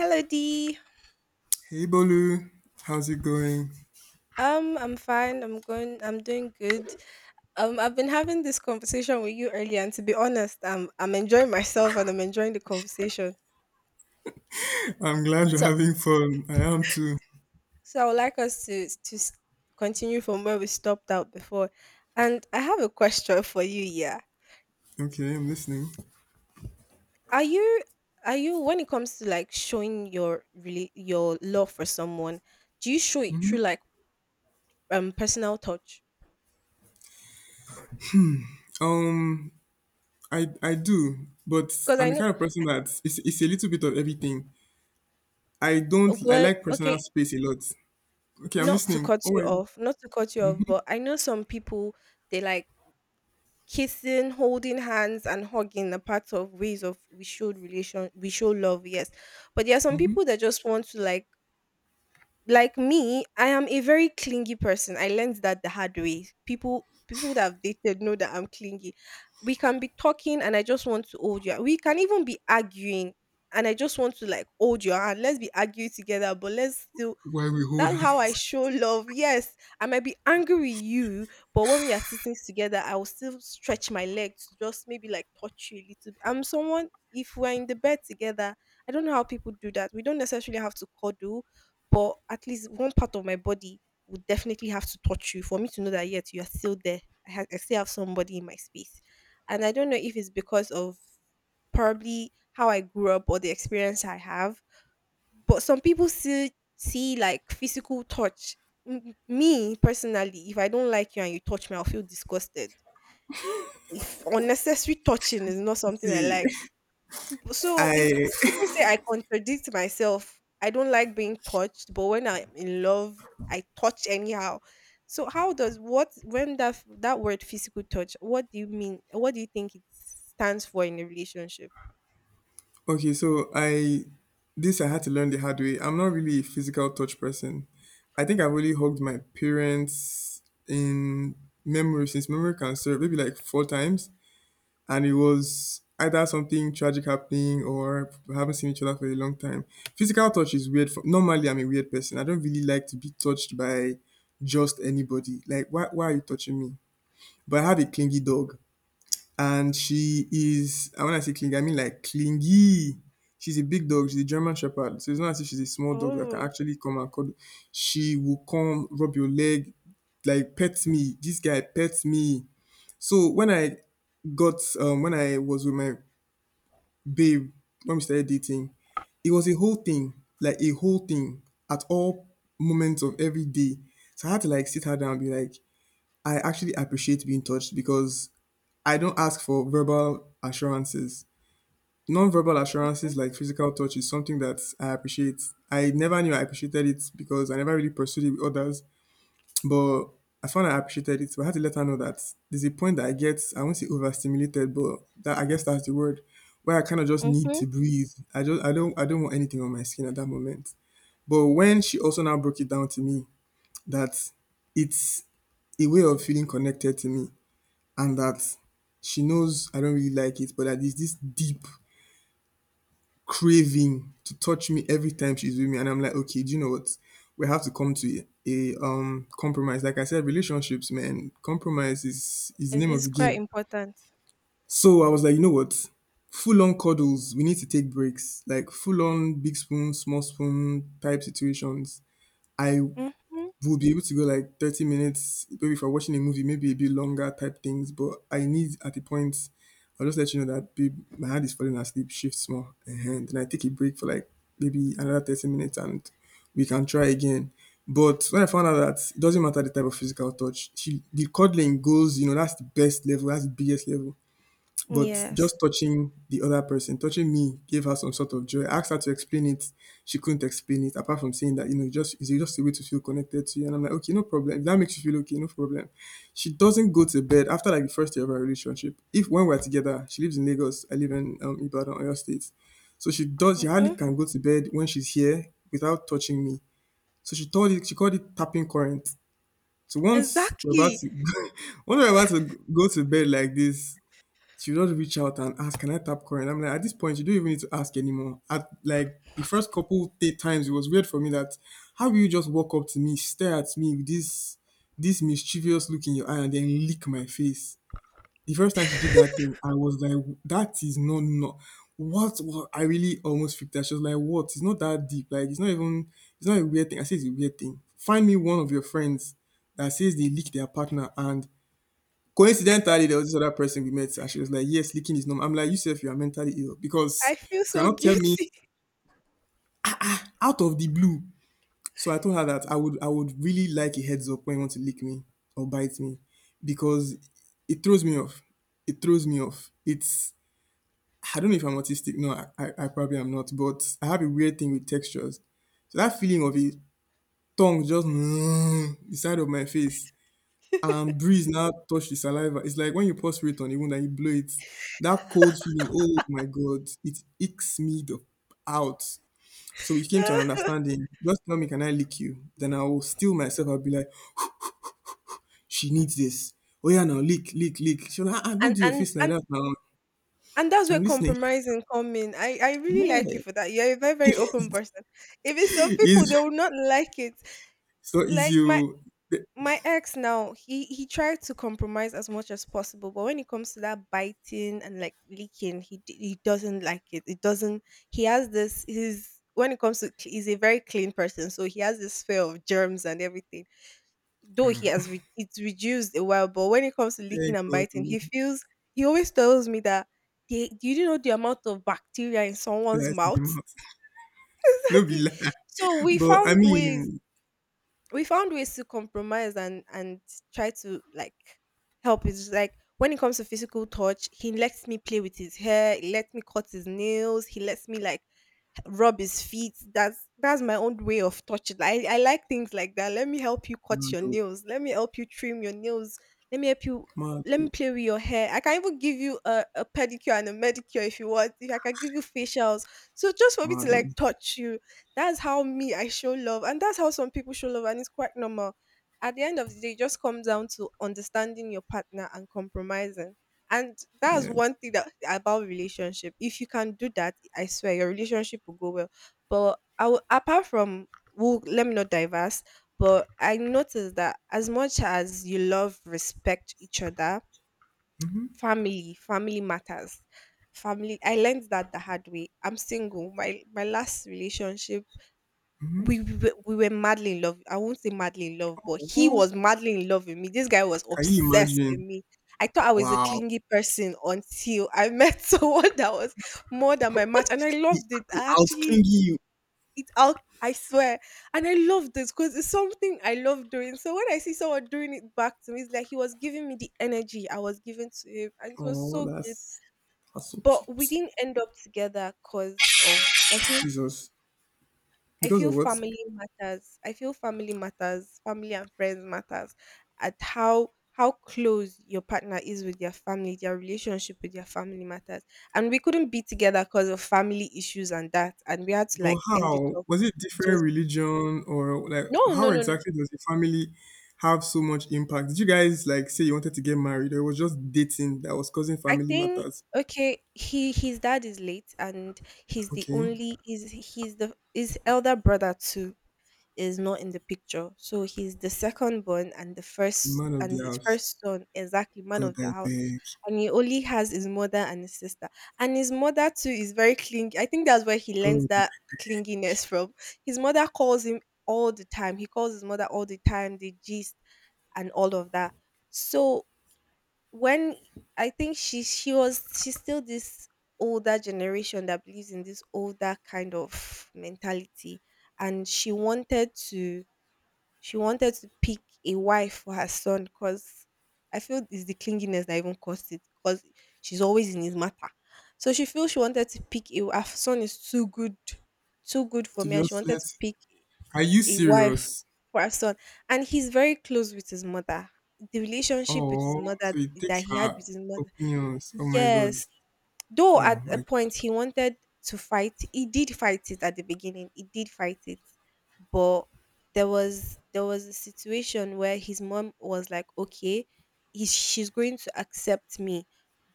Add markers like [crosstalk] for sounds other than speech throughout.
Hello D. Hey Bolu, how's it going? I'm fine. I'm going. I'm doing good. I've been having this conversation with you earlier, and to be honest, I'm enjoying myself and I'm enjoying the conversation. I'm glad you're having fun. I am too. So I would like us to continue from where we stopped out before. And I have a question for you. Yeah, Okay, I'm listening. are you are you when it comes to like showing your really your love for someone, do you show it through like personal touch? Um, I do, but Because I I'm the know kind of person that it's a little bit of everything. I don't I well, like personal okay, space a lot. Okay, I'm not to listening. cut Oh you my, off, not to cut you off, but I know some people they like kissing, holding hands, and hugging are part of ways of we show relation, we show love, yes. But there are some people that just want to like me. I am a very clingy person. I learned that the hard way. People that have dated know that I'm clingy. We can be talking, and I just want to hold you. We can even be arguing. And I just want to like hold your hand. Let's be arguing together, but let's still, why we hold that's how I hands? show love. Yes, I might be angry with you, but when we are sitting together, I will still stretch my leg to just maybe like touch you a little bit. I'm someone, if we're in the bed together, I don't know how people do that. We don't necessarily have to cuddle, but at least one part of my body would definitely have to touch you for me to know that, yet, you are still there. I still have somebody in my space. And I don't know if it's because of probably how I grew up or the experience I have, but some people still see like physical touch. Me personally, if I don't like you and you touch me, I'll feel disgusted. If unnecessary touching is not something I [laughs] See, like. So I it's people say I contradict myself. I don't like being touched, but when I'm in love, I touch anyhow. So how does what when that f- that word physical touch? What do you mean? What do you think it stands for in a relationship? okay. So I had to learn the hard way. I'm not really a physical touch person. I think I've only hugged my parents in memory since memory can serve, maybe like four times, and it was either something tragic happening or we haven't seen each other for a long time. Physical touch is weird. Normally, I'm a weird person. I don't really like to be touched by just anybody. Like, why are you touching me? But I have a clingy dog, and she is, and when I say clingy, I mean like clingy. She's a big dog. She's a German Shepherd. So it's not as if she's a small dog that can Oh, actually come and cuddle. She will come, rub your leg, like pet me. This guy pets me. So when I was with my babe, when we started dating, it was a whole thing, like a whole thing, at all moments of every day. So I had to like sit her down and be like, I actually appreciate being touched because I don't ask for verbal assurances. Non-verbal assurances like physical touch is something that I appreciate. I never knew I appreciated it because I never really pursued it with others. But I found I appreciated it. But I had to let her know that there's a point that I get, I won't say overstimulated, but that I guess that's the word, where I kind of just need mm-hmm. to breathe. I don't want anything on my skin at that moment. But when she also now broke it down to me that it's a way of feeling connected to me, and that she knows I don't really like it, but that there's this deep craving to touch me every time she's with me, and I'm like, okay, do you know what? We have to come to a compromise. Like I said, relationships, man, compromise is the it's, name of it's the quite game. important. So I was like, you know what? Full on cuddles, we need to take breaks. Like full on big spoon, small spoon type situations. I Hmm. We'll be able to go like 30 minutes, maybe if we're watching a movie, maybe a bit longer type things. But I need, at the point, I'll just let you know that babe, my hand is falling asleep, shift small. And then I take a break for like maybe another 30 minutes, and we can try again. But when I found out that it doesn't matter the type of physical touch, the cuddling goes, that's the best level, that's the biggest level. But Yes. just touching the other person, touching me, gave her some sort of joy. I asked her to explain it. She couldn't explain it, apart from saying that, it's just a way to feel connected to you. And I'm like, okay, no problem. If that makes you feel okay, no problem. She doesn't go to bed after like the first year of our relationship. If when we're together, she lives in Lagos, I live in Ibadan, Oyo State. So she hardly Mhm. can go to bed when she's here without touching me. So she called it tapping current. So once we're about Exactly. to, [laughs] once we're about to go to bed like this, she would just reach out and ask, "Can I tap current?" I'm like, at this point, you don't even need to ask anymore. At like the first couple eight times, it was weird for me that how will you just walk up to me, stare at me with this mischievous look in your eye, and then lick my face? The first time she did that thing, I was like, "That is not no." What, I really almost freaked out. She was like, "What? It's not that deep. Like it's not even. It's not a weird thing." I said, "It's a weird thing. Find me one of your friends that says they lick their partner, and coincidentally, there was this other person we met, and she was like, yes, licking is normal. I'm like, you said you are mentally ill I because feel you so cannot tell me guilty. out of the blue." So I told her that I would really like a heads up when you want to lick me or bite me because it throws me off. It throws me off. It's I don't know if I'm autistic. No, I probably am not, but I have a weird thing with textures. So that feeling of a tongue just [grunts] the side of my face, and breeze now touch the saliva. It's like when you pour spirit on a wound and you blow it, that cold feeling, oh my God, it icks me the out. So we came to an [laughs] understanding. Just tell me, can I lick you? Then I will steal myself. I'll be like, she needs this. Oh yeah, now lick, lick, lick. She'll like, ah, ah, don't and do your and fist like and that now. and that's where I'm listening. compromising come in. I [laughs] really like you Yeah, for that. You're a very open person. If it's some people, is they will not like it. so Like easy. my Oh. my ex now, he tried to compromise as much as possible, but when it comes to that biting and like leaking, he doesn't like it doesn't, he has this his when it comes to he's a very clean person, so he has this fear of germs and everything, though he Ah, has it's reduced a while, but when it comes to leaking thank and God, biting, oh. he feels he always tells me that, "They- do you know the amount of bacteria in someone's Lies in the mouth?" mouth. [laughs] [laughs] No be Exactly. lie. So we But I found ways, mean, we found ways to compromise and try to like help. It's like when it comes to physical touch, he lets me play with his hair, he lets me cut his nails, he lets me like rub his feet. That's my own way of touching. I like things like that. Let me help you cut your mado, nails, let me help you trim your nails, let me help you, let me mado, play with your hair. I can even give you a pedicure and a medicure if you want, if I can give you facials. So just for me to mado. like touch you, that's how me I show love, and that's how some people show love, and it's quite normal. At the end of the day, it just comes down to understanding your partner and compromising. And that's Yeah. one thing that about relationship. If you can do that, I swear your relationship will go well. But I will, apart from, well, let me not diverse. But I noticed that as much as you love, respect each other, family matters, family. I learned that the hard way. I'm single. My last relationship, we were madly in love. I won't say madly in love, but he was madly in love with me. This guy was Can you obsessed with imagine? me. I thought I was a Wow. clingy person until I met [laughs] someone that was more than my match, and I He, loved it. he I out actually clingy you. it out. I swear, and I loved this because it's something I love doing. So when I see someone doing it back to me, it's like he was giving me the energy I was giving to him, and it was Oh, so good. that's so But we cute. didn't end up together because of, Jesus. I Because feel of what? family matters. I feel family matters. Family and friends matters. At how close your partner is with their family, their relationship with their family matters. And we couldn't be together because of family issues and that. And we had to But like end it how? off. Was it So different religion, or like, no, no, how no, no. exactly does the family have so much impact? Did you guys like say you wanted to get married, or it was just dating that was causing I family think, matters? okay, he his dad is late, and he's the Okay. only is he's the his elder brother too is not in the picture. So he's the second born, and the The first, man of and the his house. first son, exactly man God of I the house. beg. And he only has his mother and his sister. And his mother too is very clingy. I think that's where he learns God that clinginess from. His mother calls him all the time. He calls his mother all the time, they gist and all of that. So when I think she's still this older generation that believes in this older kind of mentality, and she wanted to, she wanted to pick a wife for her son, because I feel it's the clinginess that even caused it, because she's always in his matter. So she feels she wanted to pick a, her son is too good for to me, and she just wanted let to pick Are you a wife serious? for her son. And he's very close with his mother. The relationship with his Oh, mother so it that takes he had her with his mother. opinions. Oh my god. Yes, though Oh at a my God. point he wanted to fight, he did fight it at the beginning. He did fight it, but there was a situation where his mom was like, "Okay, she's going to accept me,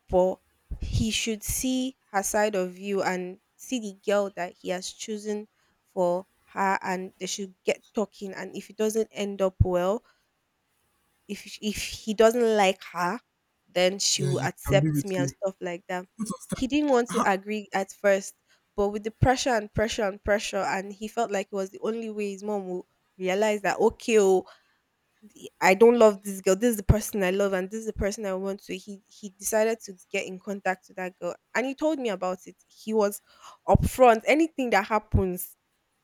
but he should see her side of you and see the girl that he has chosen for her, and they should get talking. And if it doesn't end up well, if he doesn't like her, then she Then will he can be accept with me," and you. stuff like that. What was that? He didn't want How? to agree at first, but with the pressure and pressure and pressure, and he felt like it was the only way his mom would realize that, okay, oh, I don't love this girl, this is the person I love, and this is the person I want to. He decided to get in contact with that girl, and he told me about it. He was upfront. Anything that happens,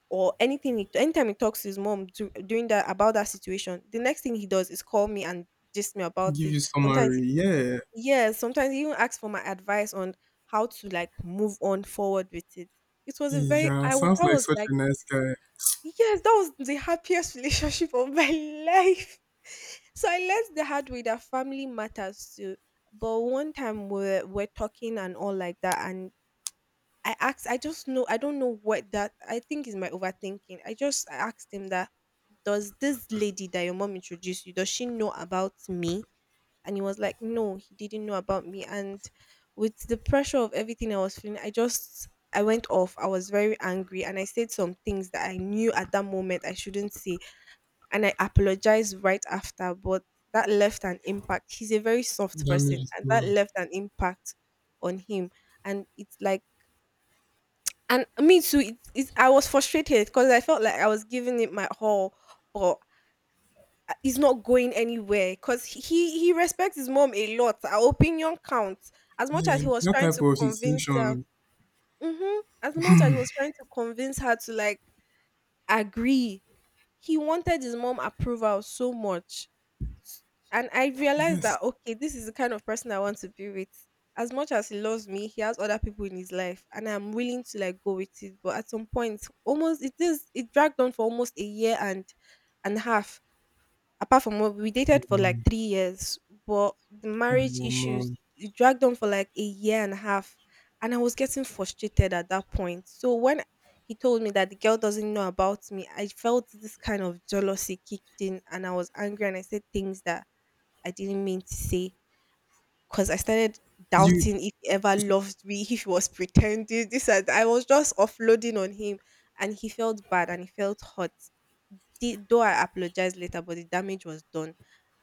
or anytime he talks to his mom during that, about that situation, the next thing he does is call me and gist me about Give it you sometimes. summary. Yeah. Yes, sometimes he even asks for my advice on how to like move on forward with it. It was a Hey. very, Yeah. I would, Sounds that like was such like, a nice guy. yes, that was the happiest [laughs] relationship of my life. So I learned the hard way that family matters too. But one time we're talking and all like that, and I asked, I just know, I don't know what that, I think is my overthinking. I asked him that, does this lady that your mom introduced you, does she know about me? And he was like, no, he didn't know about me. And with the pressure of everything I was feeling, I just, I went off. I was very angry, and I said some things that I knew at that moment I shouldn't say. And I apologized right after, but that left an impact. He's a very soft Damage person, is and that done. left an impact on him. And it's like, and me too. I was frustrated because I felt like I was giving it my all, but it's not going anywhere. Because he respects his mom a lot. Our opinion counts as much as he Yeah. was That trying type to of convince her. situation. Hmm, as much as he was trying to convince her to like agree. He wanted his mom approval so much. S- And I realized that, Yes. okay, this is the kind of person I want to be with. As much as he loves me, he has other people in his life, and I'm willing to like go with it. But at some point, almost it is it dragged on for almost a year and a half, apart from what we dated for like Um, 3 years. But the um, marriage um, issues, um. it dragged on for like a year and a half, and I was getting frustrated at that point. So when he told me that the girl doesn't know about me, I felt this kind of jealousy kicked in, and I was angry, and I said things that I didn't mean to say, because I started You. doubting if he ever loved me, [laughs] if he was pretending. This and that. I was just offloading on him, and he felt bad and he felt hurt. The though I apologized later, but the damage was done,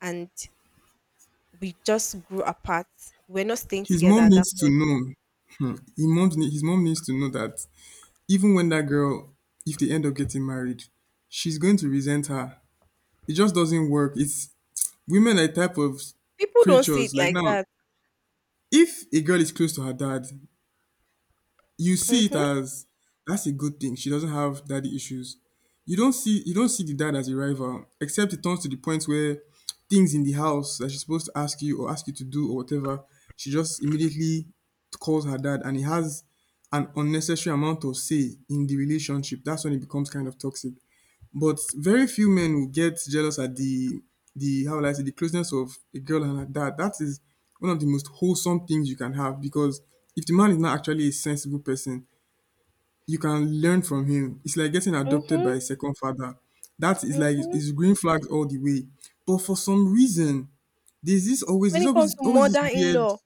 and we just grew apart. We're not staying His together mom at that needs to point. know. Hmm. His mom needs to know that even when that girl, if they end up getting married, she's going to resent her. It just doesn't work. It's Women are a type of People don't see it creatures. Like like now, that. if a girl is close to her dad, you see it Mhm. as that's a good thing. She doesn't have daddy issues. You don't see the dad as a rival, except it turns to the point where things in the house that she's supposed to ask you or ask you to do or whatever, she just immediately calls her dad, and he has an unnecessary amount of say in the relationship. That's when it becomes kind of toxic. But very few men will get jealous at the how will I say, the closeness of a girl and her dad. That is one of the most wholesome things you can have because if the man is not actually a sensible person, you can learn from him. It's like getting adopted by Mhm. a second father. That is like Mhm. it's green flags all the way. But for some reason, When there's it comes always to always this weird, mother-in-law,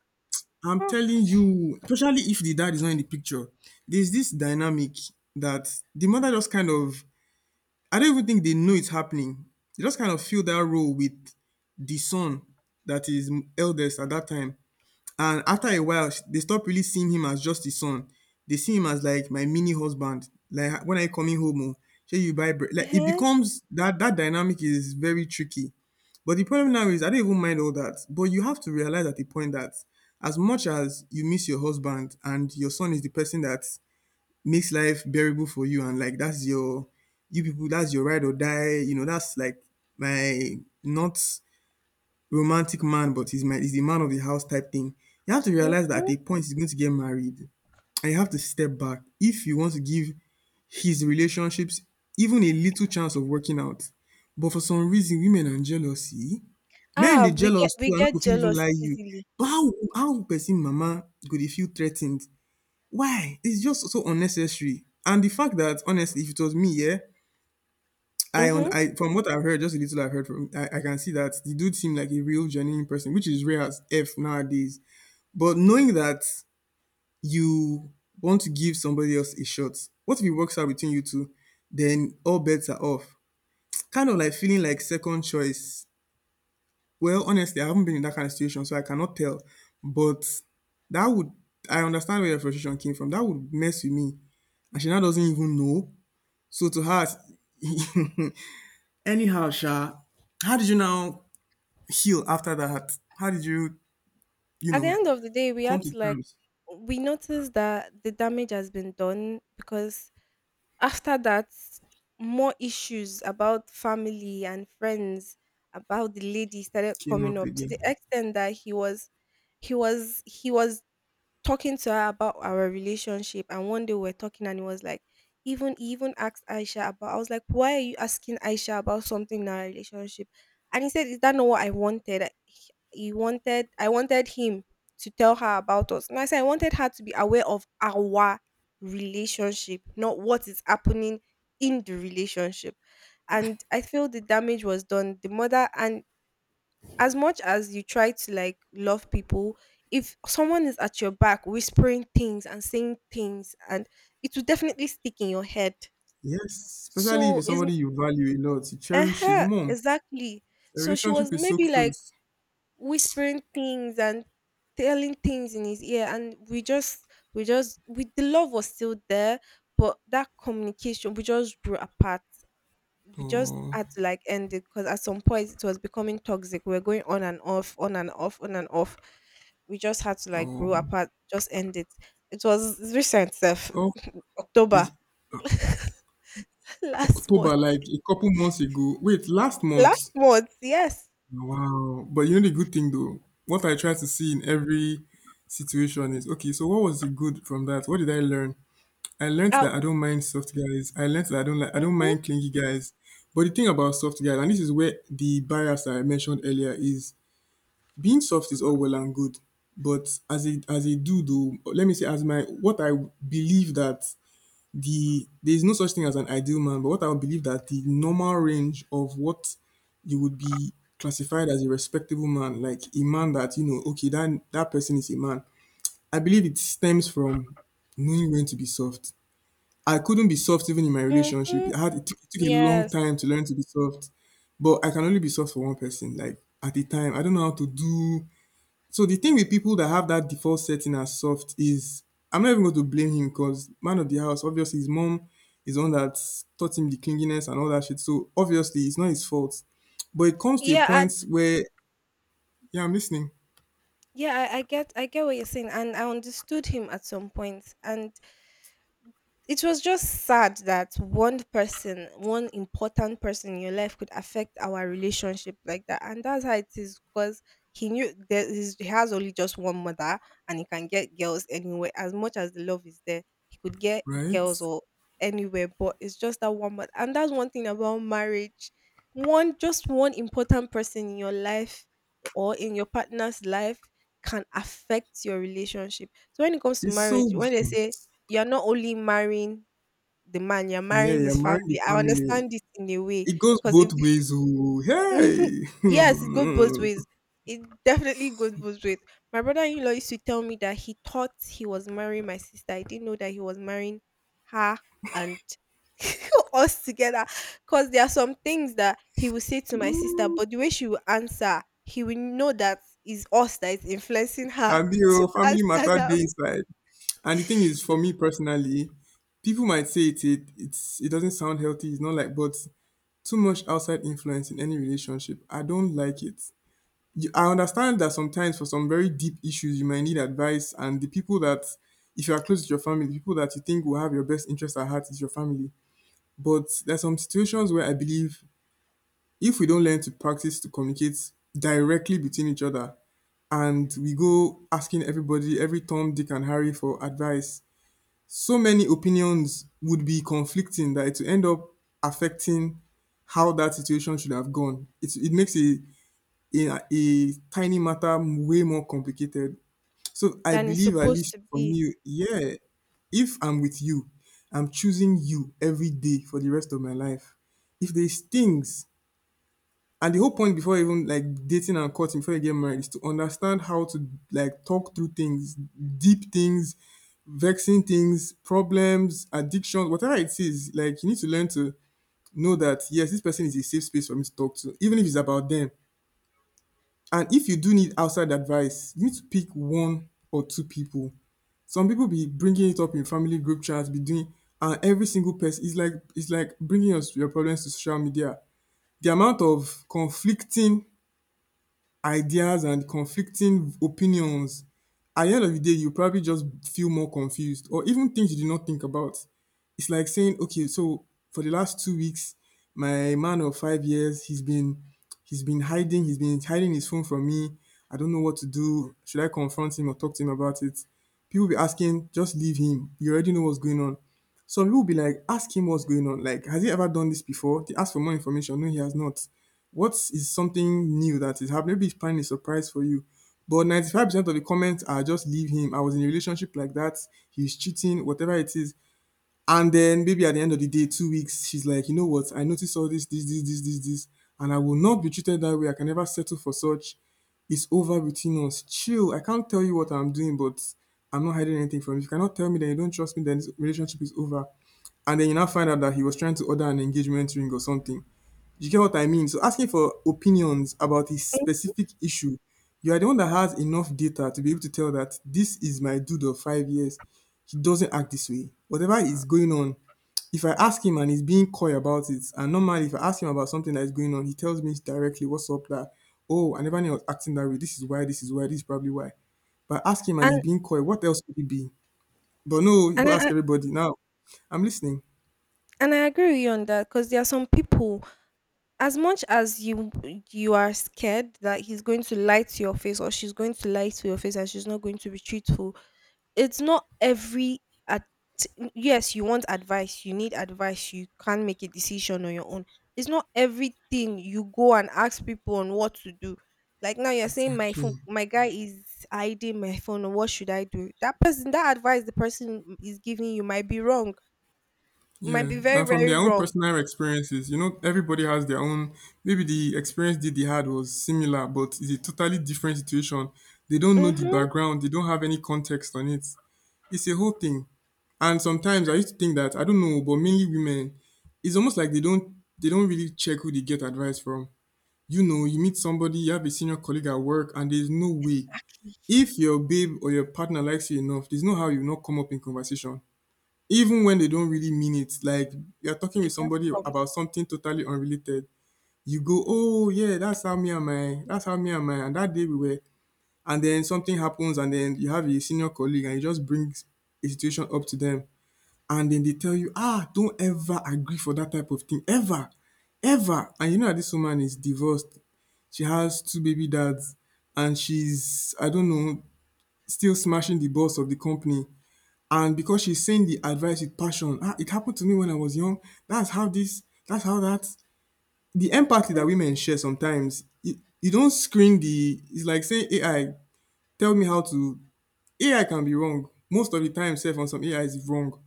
I'm huh. telling you, especially if the dad is not in the picture, there's this dynamic that the mother just kind of, I don't even think they know it's happening. They just kind of fill that role with the son that is eldest at that time. And after a while, they stop really seeing him as just the son. They see him as like my mini husband. Like when I coming home, oh, shey you buy bread. Like it Uh-huh. becomes that that dynamic is very tricky. But the problem now is I don't even mind all that. But you have to realize at the point that as much as you miss your husband, and your son is the person that makes life bearable for you, and like that's your you people, that's your ride or die, you know? That's like my, not romantic man, but he's the man of the house type thing. You have to realize that at Mhm. a point he's going to get married, and you have to step back if you want to give his relationships even a little chance of working out. But for some reason, women are jealousy, men Ah, they we get jealous we too, and no go get fit even jealous lie you. easily. But how person mama go dey feel threatened? Why? It's just so unnecessary. And the fact that honestly, if it was me, yeah, Mm-hmm. I from what I've heard, just a little I've heard from I can see that the dude seemed like a real genuine person, which is rare as F nowadays. But knowing that you want to give somebody else a shot, what if it works out between you two? Then all bets are off. Kind of like feeling like second choice. Well, honestly, I haven't been in that kind of situation, so I cannot tell. But that would I understand where your frustration came from. That would mess with me. And she now doesn't even know. So to her, [laughs] anyhow, Sha, how did you now heal after that? How did you, you At the know, end of the day, we come had to to like, terms? we noticed that the damage has been done, because after that, more issues about family and friends about the lady started Came coming up up, to the again. extent that he was talking to her about our relationship. And one day we're talking, and it was like, even he even asked Aisha about, I was like, why are you asking Aisha about something in our relationship? And he said, is that not what I wanted? He wanted I wanted him to tell her about us. And I said I wanted her to be aware of our relationship, not what is happening in the relationship. And I feel the damage was done. The mother, and as much as you try to like love people, if someone is at your back whispering things and saying things, and it will definitely stick in your head. Yes, especially if So it's is, somebody you value a lot, you cherish his mom. exactly, The so she was relationship is so maybe like close. whispering things and telling things in his ear, and we the love was still there, but that communication, we just grew apart. We just Oh, had to like end it, because at some point it was becoming toxic. We were going on and off, on and off, on and off. We just had to like grow um, apart, just end it. It was recent, self. so [laughs] October. it's [laughs] Last October, month. like a couple months ago. Wait, last Last month. month, yes. Wow. But you know the good thing though, what I try to see in every situation is okay, so what was the good from that? What did I learn? I learned Uh, that I don't mind soft guys. I learned that I don't mm-hmm, mind clingy guys. But the thing about soft guys, and this is where the bias that I mentioned earlier is being soft is all well and good. But as a dude though, let me say as my what I believe that there is no such thing as an ideal man, but what I would believe that the normal range of what you would be classified as a respectable man, like a man that you know, okay, that that person is a man. I believe it stems from knowing when to be soft. I couldn't be soft even in my relationship. mm-hmm, I had it took a long yes. time to learn to be soft, but I can only be soft for one person. Like at the time, I don't know how to do. So the thing with people that have that default setting as soft is, I'm not even going to blame him because man of the house, obviously his mom is the one that taught him the clinginess and all that shit. So obviously it's not his fault, but it comes to a Yeah, I, point where yeah, I'm listening, yeah, I get what you're saying, and I understood him at some point. And it was just sad that one person, one important person in your life could affect our relationship like that. And that's how it is, because he knew there is he has only just one mother, and he can get girls anywhere. As much as the love is there, he could get right? girls or anywhere, but it's just that one mother. And that's one thing about marriage. One important person in your life or in your partner's life can affect your relationship. So when it comes to It's marriage, so when they [laughs] say you're not only marrying the man, you're yeah, marrying you're his marrying family. the I family. understand it in a way, It goes because if both the, ways. Oh, mhm. hey, Yes, it goes both ways. [laughs] It definitely goes both ways. My brother-in-law used to tell me that he thought he was marrying my sister. I didn't know that he was marrying her and [laughs] us together. Because there are some things that he will say to my sister, but the way she will answer, he will know that it's us that is influencing her Abi, [laughs] to oh, family answer matter that. day inside. And the thing is, for me personally, people might say it doesn't sound healthy. It's not like, but too much outside influence in any relationship, I don't like it. You, I understand that sometimes for some very deep issues, you might need advice, and the people that, if you are close to your family, the people that you think will have your best interest at heart is your family. But there's some situations where I believe if we don't learn to practice to communicate directly between each other and we go asking everybody, every Tom, Dick, and Harry for advice, so many opinions would be conflicting that it will end up affecting how that situation should have gone. It makes a tiny matter way more complicated. So I Than it's believe, at supposed least to for be. me, yeah, if I'm with you, I'm choosing you every day for the rest of my life. If there's things and the whole point before even like dating and courting before you get married is to understand how to like talk through things, deep things, vexing things, problems, addictions, whatever it is. Like you need to learn to know that yes, this person is a safe space for me to talk to, even if it's about them. And if you do need outside advice, you need to pick one or two people. Some people be bringing it up in family group chats, be doing, and every single person is like it's like bringing your problems to social media. The amount of conflicting ideas and conflicting opinions. At the end of the day, you probably just feel more confused or even things you did not think about. It's like saying, okay, so for the last 2 weeks, my man of 5 years, he's been hiding, his phone from me. I don't know what to do. Should I confront him or talk to him about it? People be asking, just leave him. You already know what's going on. Some people be like, ask him what's going on. Like, has he ever done this before? They ask for more information. No, he has not. What is something new that is happening? Maybe he's planning a surprise for you. But 95% of the comments are just leave him. I was in a relationship like that. He's cheating, whatever it is. And then maybe at the end of the day, 2 weeks, she's like, you know what? I noticed all this, this, this, this, this, this, and I will not be treated that way. I can never settle for such. It's over between us. Chill. I can't tell you what I'm doing, but I'm not hiding anything from you. If you cannot tell me that you don't trust me, then this relationship is over. And then you now find out that he was trying to order an engagement ring or something. You get what I mean? So asking for opinions about a Mm. specific issue, you are the one that has enough data to be able to tell that this is my dude of 5 years. He doesn't act this way. Whatever is going on, if I ask him and he's being coy about it, and normally if I ask him about something that is going on, he tells me directly what's up that, oh, I never knew I was acting that way. This is why, this is why, this is probably why. But ask him and he's And being coy, what else could it be? But no, you and go I I- ask everybody. Now, I'm listening. and I agree with you on that, because there are some people, as much as you, you are scared that he's going to lie to your face or she's going to lie to your face and she's not going to be truthful, it's not every, at, yes, you want advice, you need advice, you can't make a decision on your own. It's not everything you go and ask people on what to do. Like now you're saying my Exactly. phone, my guy is hiding my phone, what should I do? That person, that advice, the person is giving you might be wrong, might Yeah, be very, and from very their own wrong. personal experiences, you know, everybody has their own. Maybe the experience that they had was similar, but it's a totally different situation. They don't know the Mm-hmm. background, they don't have any context on it. It's a whole thing. And sometimes I used to think that I don't know, but mainly women, it's almost like they don't really check who they get advice from. You know, you meet somebody, you have a senior colleague at work, and there's no way if your babe or your partner likes you enough, there's no how you will not come up in conversation even when they don't really mean it like you're talking It with just somebody comes. about something totally unrelated, you go oh yeah, that's how me and my and that day we were, and then something happens and then you have a senior colleague and you just bring a situation up to them, and then they tell you ah, don't ever agree for that type of thing ever ever, and you know that this woman is divorced, she has two baby dads, and she's I don't know, still smashing the boss of the company. And because she's saying the advice with passion, ah, it happened to me when I was young. That's how this, that's how that, the empathy that [laughs] women share sometimes, you don't screen the, it's like saying AI, tell me how to, AI can be wrong. Most of the time, self on some AI is wrong.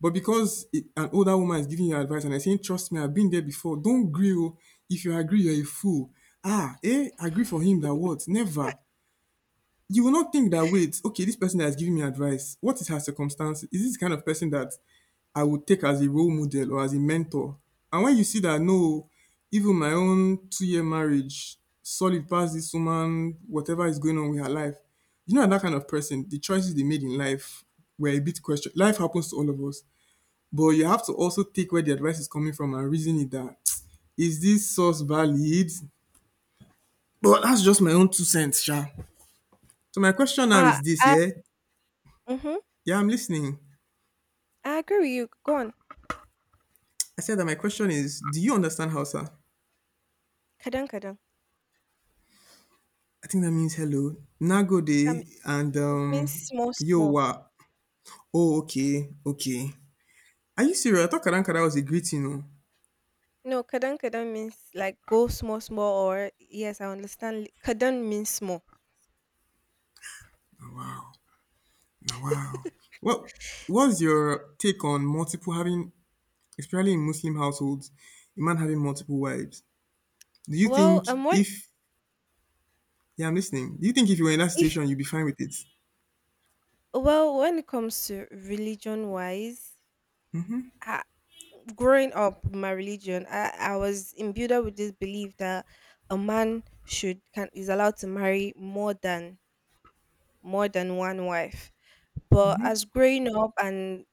But because it, an older woman is giving you advice and I saying, trust me, I've been there before, don't agree. Oh. If you agree, you're a fool. Ah, eh, agree for him that what? Never. You will not think that wait, okay, this person that is giving me advice, what is her circumstance? Is this the kind of person that I would take as a role model or as a mentor? And when you see that no, even my own 2 year marriage solid past this woman, whatever is going on with her life, you know that kind of person, the choices they made in life were a bit question. Life happens to all of us, but you have to also take where the advice is coming from and reason it that [tsk] is this source valid? But that's just my own two cents sha. So my question now And- uh, is this, I, yeah. mm-hmm. Yeah, I'm listening. I agree with you, go on. I said that my question is, do you understand Hausa? Kadang kadang, I think that means hello, um nagode, and it means small yo small. wa. Oh, okay, okay. Are you serious? I thought Karankara was a greeting. Oh. No, kadam kadam means like go small, small, or yes, I understand. Kadam means small. Wow, now wow. What S- What's your take on multiple having, especially in Muslim households, a man having multiple wives? Do you Well, think what if, yeah, I'm listening. Do you think if you were in that if, situation, you'd be fine with it? well, when it comes to religion wise, I, growing up my religion, I was imbued with this belief that a man should can is allowed to marry more than one wife. But as growing up and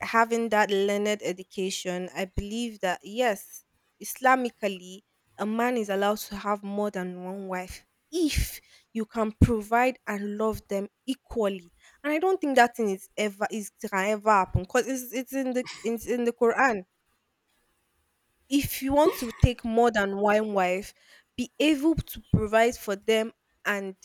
having that learned education, I believe that yes, Islamically, a man is allowed to have more than one wife if you can provide and love them equally. And I don't think that thing is ever is can ever happen, because it's in the Quran. If you want to take more than one wife, be able to provide for them and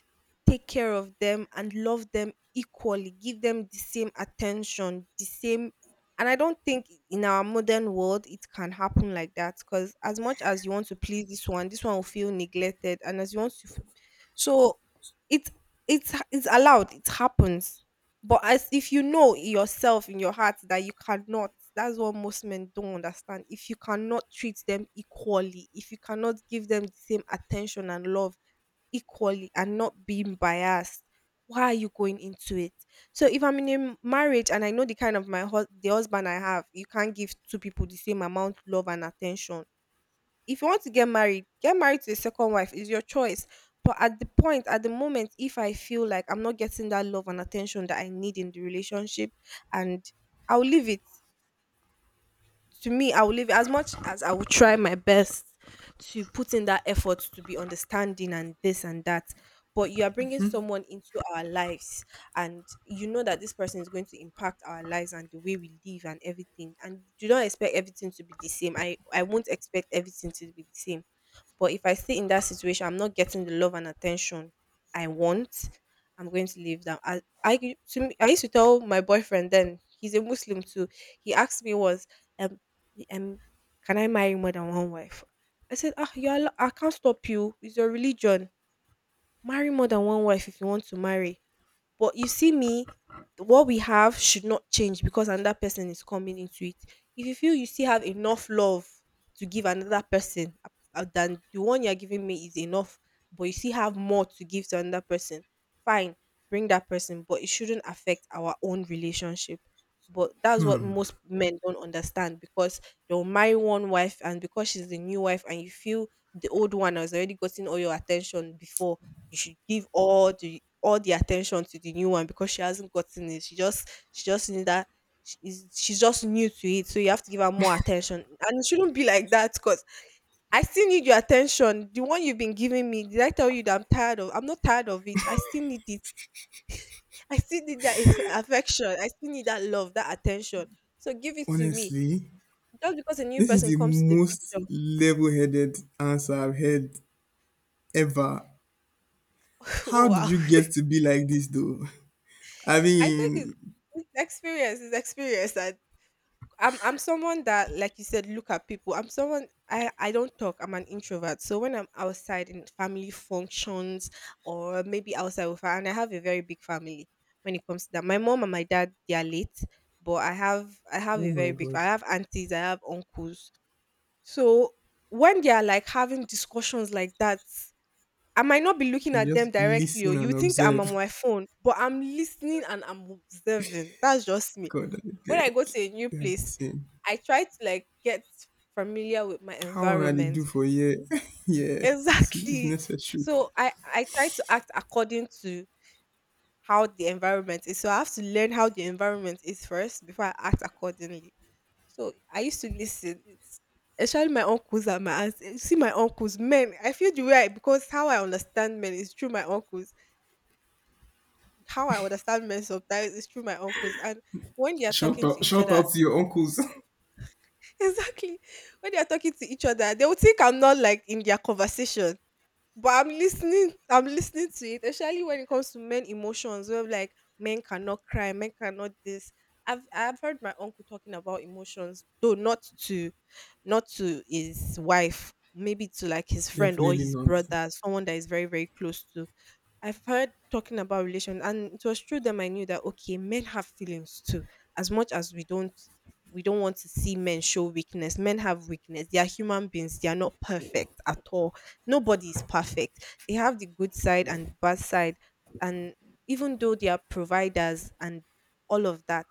take care of them and love them equally. Give them the same attention, the same. And I don't think in our modern world it can happen like that, because as much as you want to please this one will feel neglected. And as you want to, so it's it's allowed. It happens, but as if you know yourself in your heart that you cannot, that's what most men don't understand. If you cannot treat them equally, if you cannot give them the same attention and love equally and not being biased, why are you going into it? So if I'm in a marriage and I know the kind of my the husband I have, you can't give two people the same amount love and attention, if you want to get married to a second wife. Is your choice. But at the point, at the moment, if I feel like I'm not getting that love and attention that I need in the relationship, and I'll leave it. To me, I will leave it. As much as I will try my best to put in that effort to be understanding and this and that. But you are bringing someone into our lives, and you know that this person is going to impact our lives and the way we live and everything. And you don't expect everything to be the same. I won't expect everything to be the same. But if I stay in that situation, I'm not getting the love and attention I want. I'm going to leave them. To me, I used to tell my boyfriend then, he's a Muslim too. He asked me once, um, um, can I marry more than one wife? I said, ah, you're, I can't stop you. It's your religion. Marry more than one wife if you want to marry. But you see me, what we have should not change because another person is coming into it. If you feel you still have enough love to give another person, than the one you're giving me is enough, but you still have more to give to another person, fine, bring that person, but it shouldn't affect our own relationship. But that's what most men don't understand, because they'll marry one wife, and because she's the new wife, and you feel the old one has already gotten all your attention before, you should give all the attention to the new one, because she hasn't gotten it. She just need that, she's just new to it, so you have to give her more attention. And it shouldn't be like that, because I still need your attention. The one you've been giving me, did I tell you that I'm tired of? I'm not tired of it. I still need it. I still need that [laughs] affection. I still need that love, that attention. So give it to me. Honestly, Just because a new this is person the comes to the most picture. [laughs] level-headed answer I've heard. Ever. Oh How did wow! you get to be like this though? [laughs] I I think mean, it's experience. It's experience, and I'm someone that, like you said, look at people. I'm someone, I don't talk. I'm an introvert. So when I'm outside in family functions or maybe outside with her, and I have a very big family when it comes to that. My mom and my dad they are late, but I have oh a very my big. god. I have aunties. I have uncles. So when they are like having discussions like that. I might not be looking You at them just directly, or listen you and think I'm on observe. my phone, but I'm listening and I'm observing. That's just [laughs] me. God, I When I beg. go to a new You [laughs] have the place, same. I try to like get familiar with my How on are they do environment. [laughs] for yeah? [laughs] yeah, it's Exactly. necessary. So I try to act according to how the environment is. So I have to learn how the environment is first before I act accordingly. So I used to listen. It's especially my uncles and my aunts. You see my uncles, men. I feel the way I, because how I understand men is through my uncles. How I understand men sometimes is through my uncles. And when they are talking to each Shout other, out to your uncles. [laughs] [laughs] exactly. When they are talking to each other, they will think I'm not like in their conversation, but I'm listening. I'm listening to it, especially when it comes to men emotions. Where like men cannot cry, men cannot this. I've heard my uncle talking about emotions, though not to his wife, maybe to like his friend or Definitely his not. brother, someone that is very very close to. I've heard talking about relation, and it was through them I knew that okay, men have feelings too. As much as we don't want to see men show weakness. Men have weakness. They are human beings. They are not perfect at all. Nobody is perfect. They have the good side and the bad side, and even though they are providers and all of that,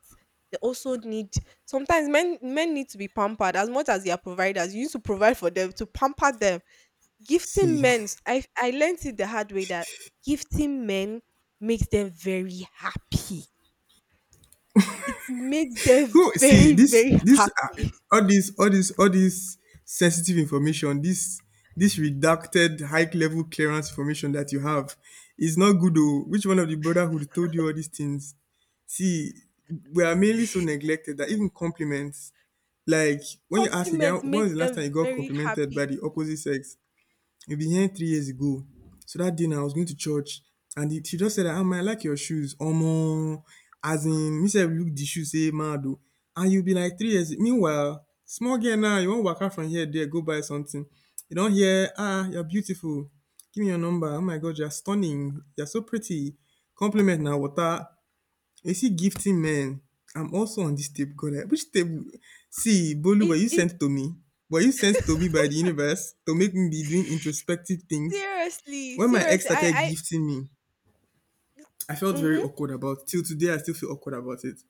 they also need. Sometimes men need to be pampered. As much as they are providers, you need to provide for them to pamper them. See. Gifting men, I learned it the hard way that gifting men makes them very happy. It makes them Who [laughs] see very, this? very happy. all this sensitive information. This redacted high level clearance information that you have is not good. Oh, which one of the brotherhood told you all these things? See, we are mainly so neglected that even compliments. Like [laughs] when you ask a guy, Compliment when was makes the last time them you got very complimented by happy. the opposite sex? We've been here 3 years ago. So that day now I was going to church and the she just said that, "Ah ma I like your shoes." Omo! As in me sef look the shoe say mad oh. And you be like 3 years meanwhile small girl now you wan waka from here there go buy something, you don hear, "Ah you're beautiful, give me your number, oh my God you are stunning, you are so pretty." Compliment na water. They see gifting men. I'm also on this table. God, I- which table? See, Bolu, were It you it sent to me? Were you sent to me by the universe to make me be doing introspective things? seriously When my ex seriously started I. gifting me, I felt very Mm-hmm. awkward about it. Till today, I still feel awkward about it.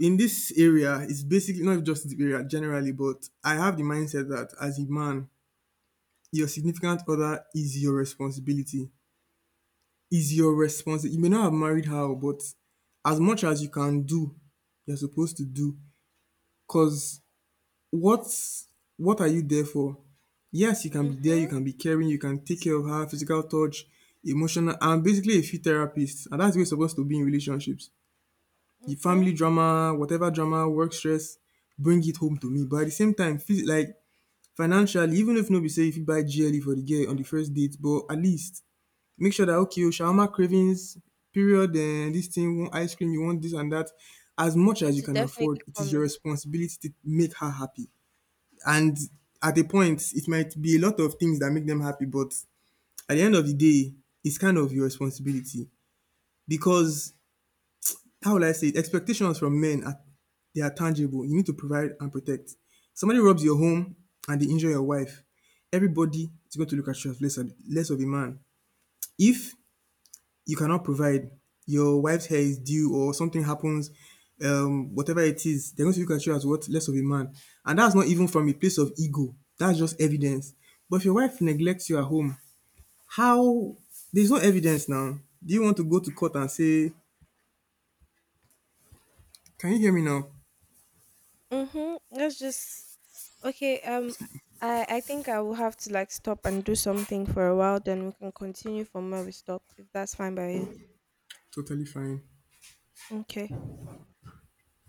In this area, it's basically not just the area generally, but I have the mindset that as a man, your significant other is your responsibility. Is your responsibility. You may not have married her, but as much as you can do, you're supposed to do. Because what's what are you there for? Yes, you can be there, you Mm-hmm. can be caring, you can take care of her, physical touch, emotional. I'm basically a free therapist, and that's the way it's supposed to be in relationships. The Mm-hmm. family drama, whatever drama, work stress, bring it home to me. But at the same time, phys- like financially, even if nobody say if you buy GLE for the girl on the first date, but at least make sure that okay, your shawarma cravings, period, and this thing, you want ice cream, you want this and that, as much as It you will can definitely afford. It is come your in. responsibility to make her happy, and at a point it might be a lot of things that make them happy, but at the end of the day it's kind of your responsibility, because how will I say it, expectations from men are, they are tangible. You need to provide and protect. Somebody robs your home and they injure your wife, everybody is going to look at you as less, less of a man if you cannot provide. Your wife's hair is due or something happens, whatever it is, they're going to look at you as what? Less of a man. And that's not even from a place of ego. That's just evidence. But if your wife neglects you at home, how, there's no evidence now. Do you want to go to court and say, can you hear me now? Mm-hmm. Let's just, okay, I think I will have to like stop and do something for a while, then we can continue from where we stop if that's fine by you. Totally fine. Okay.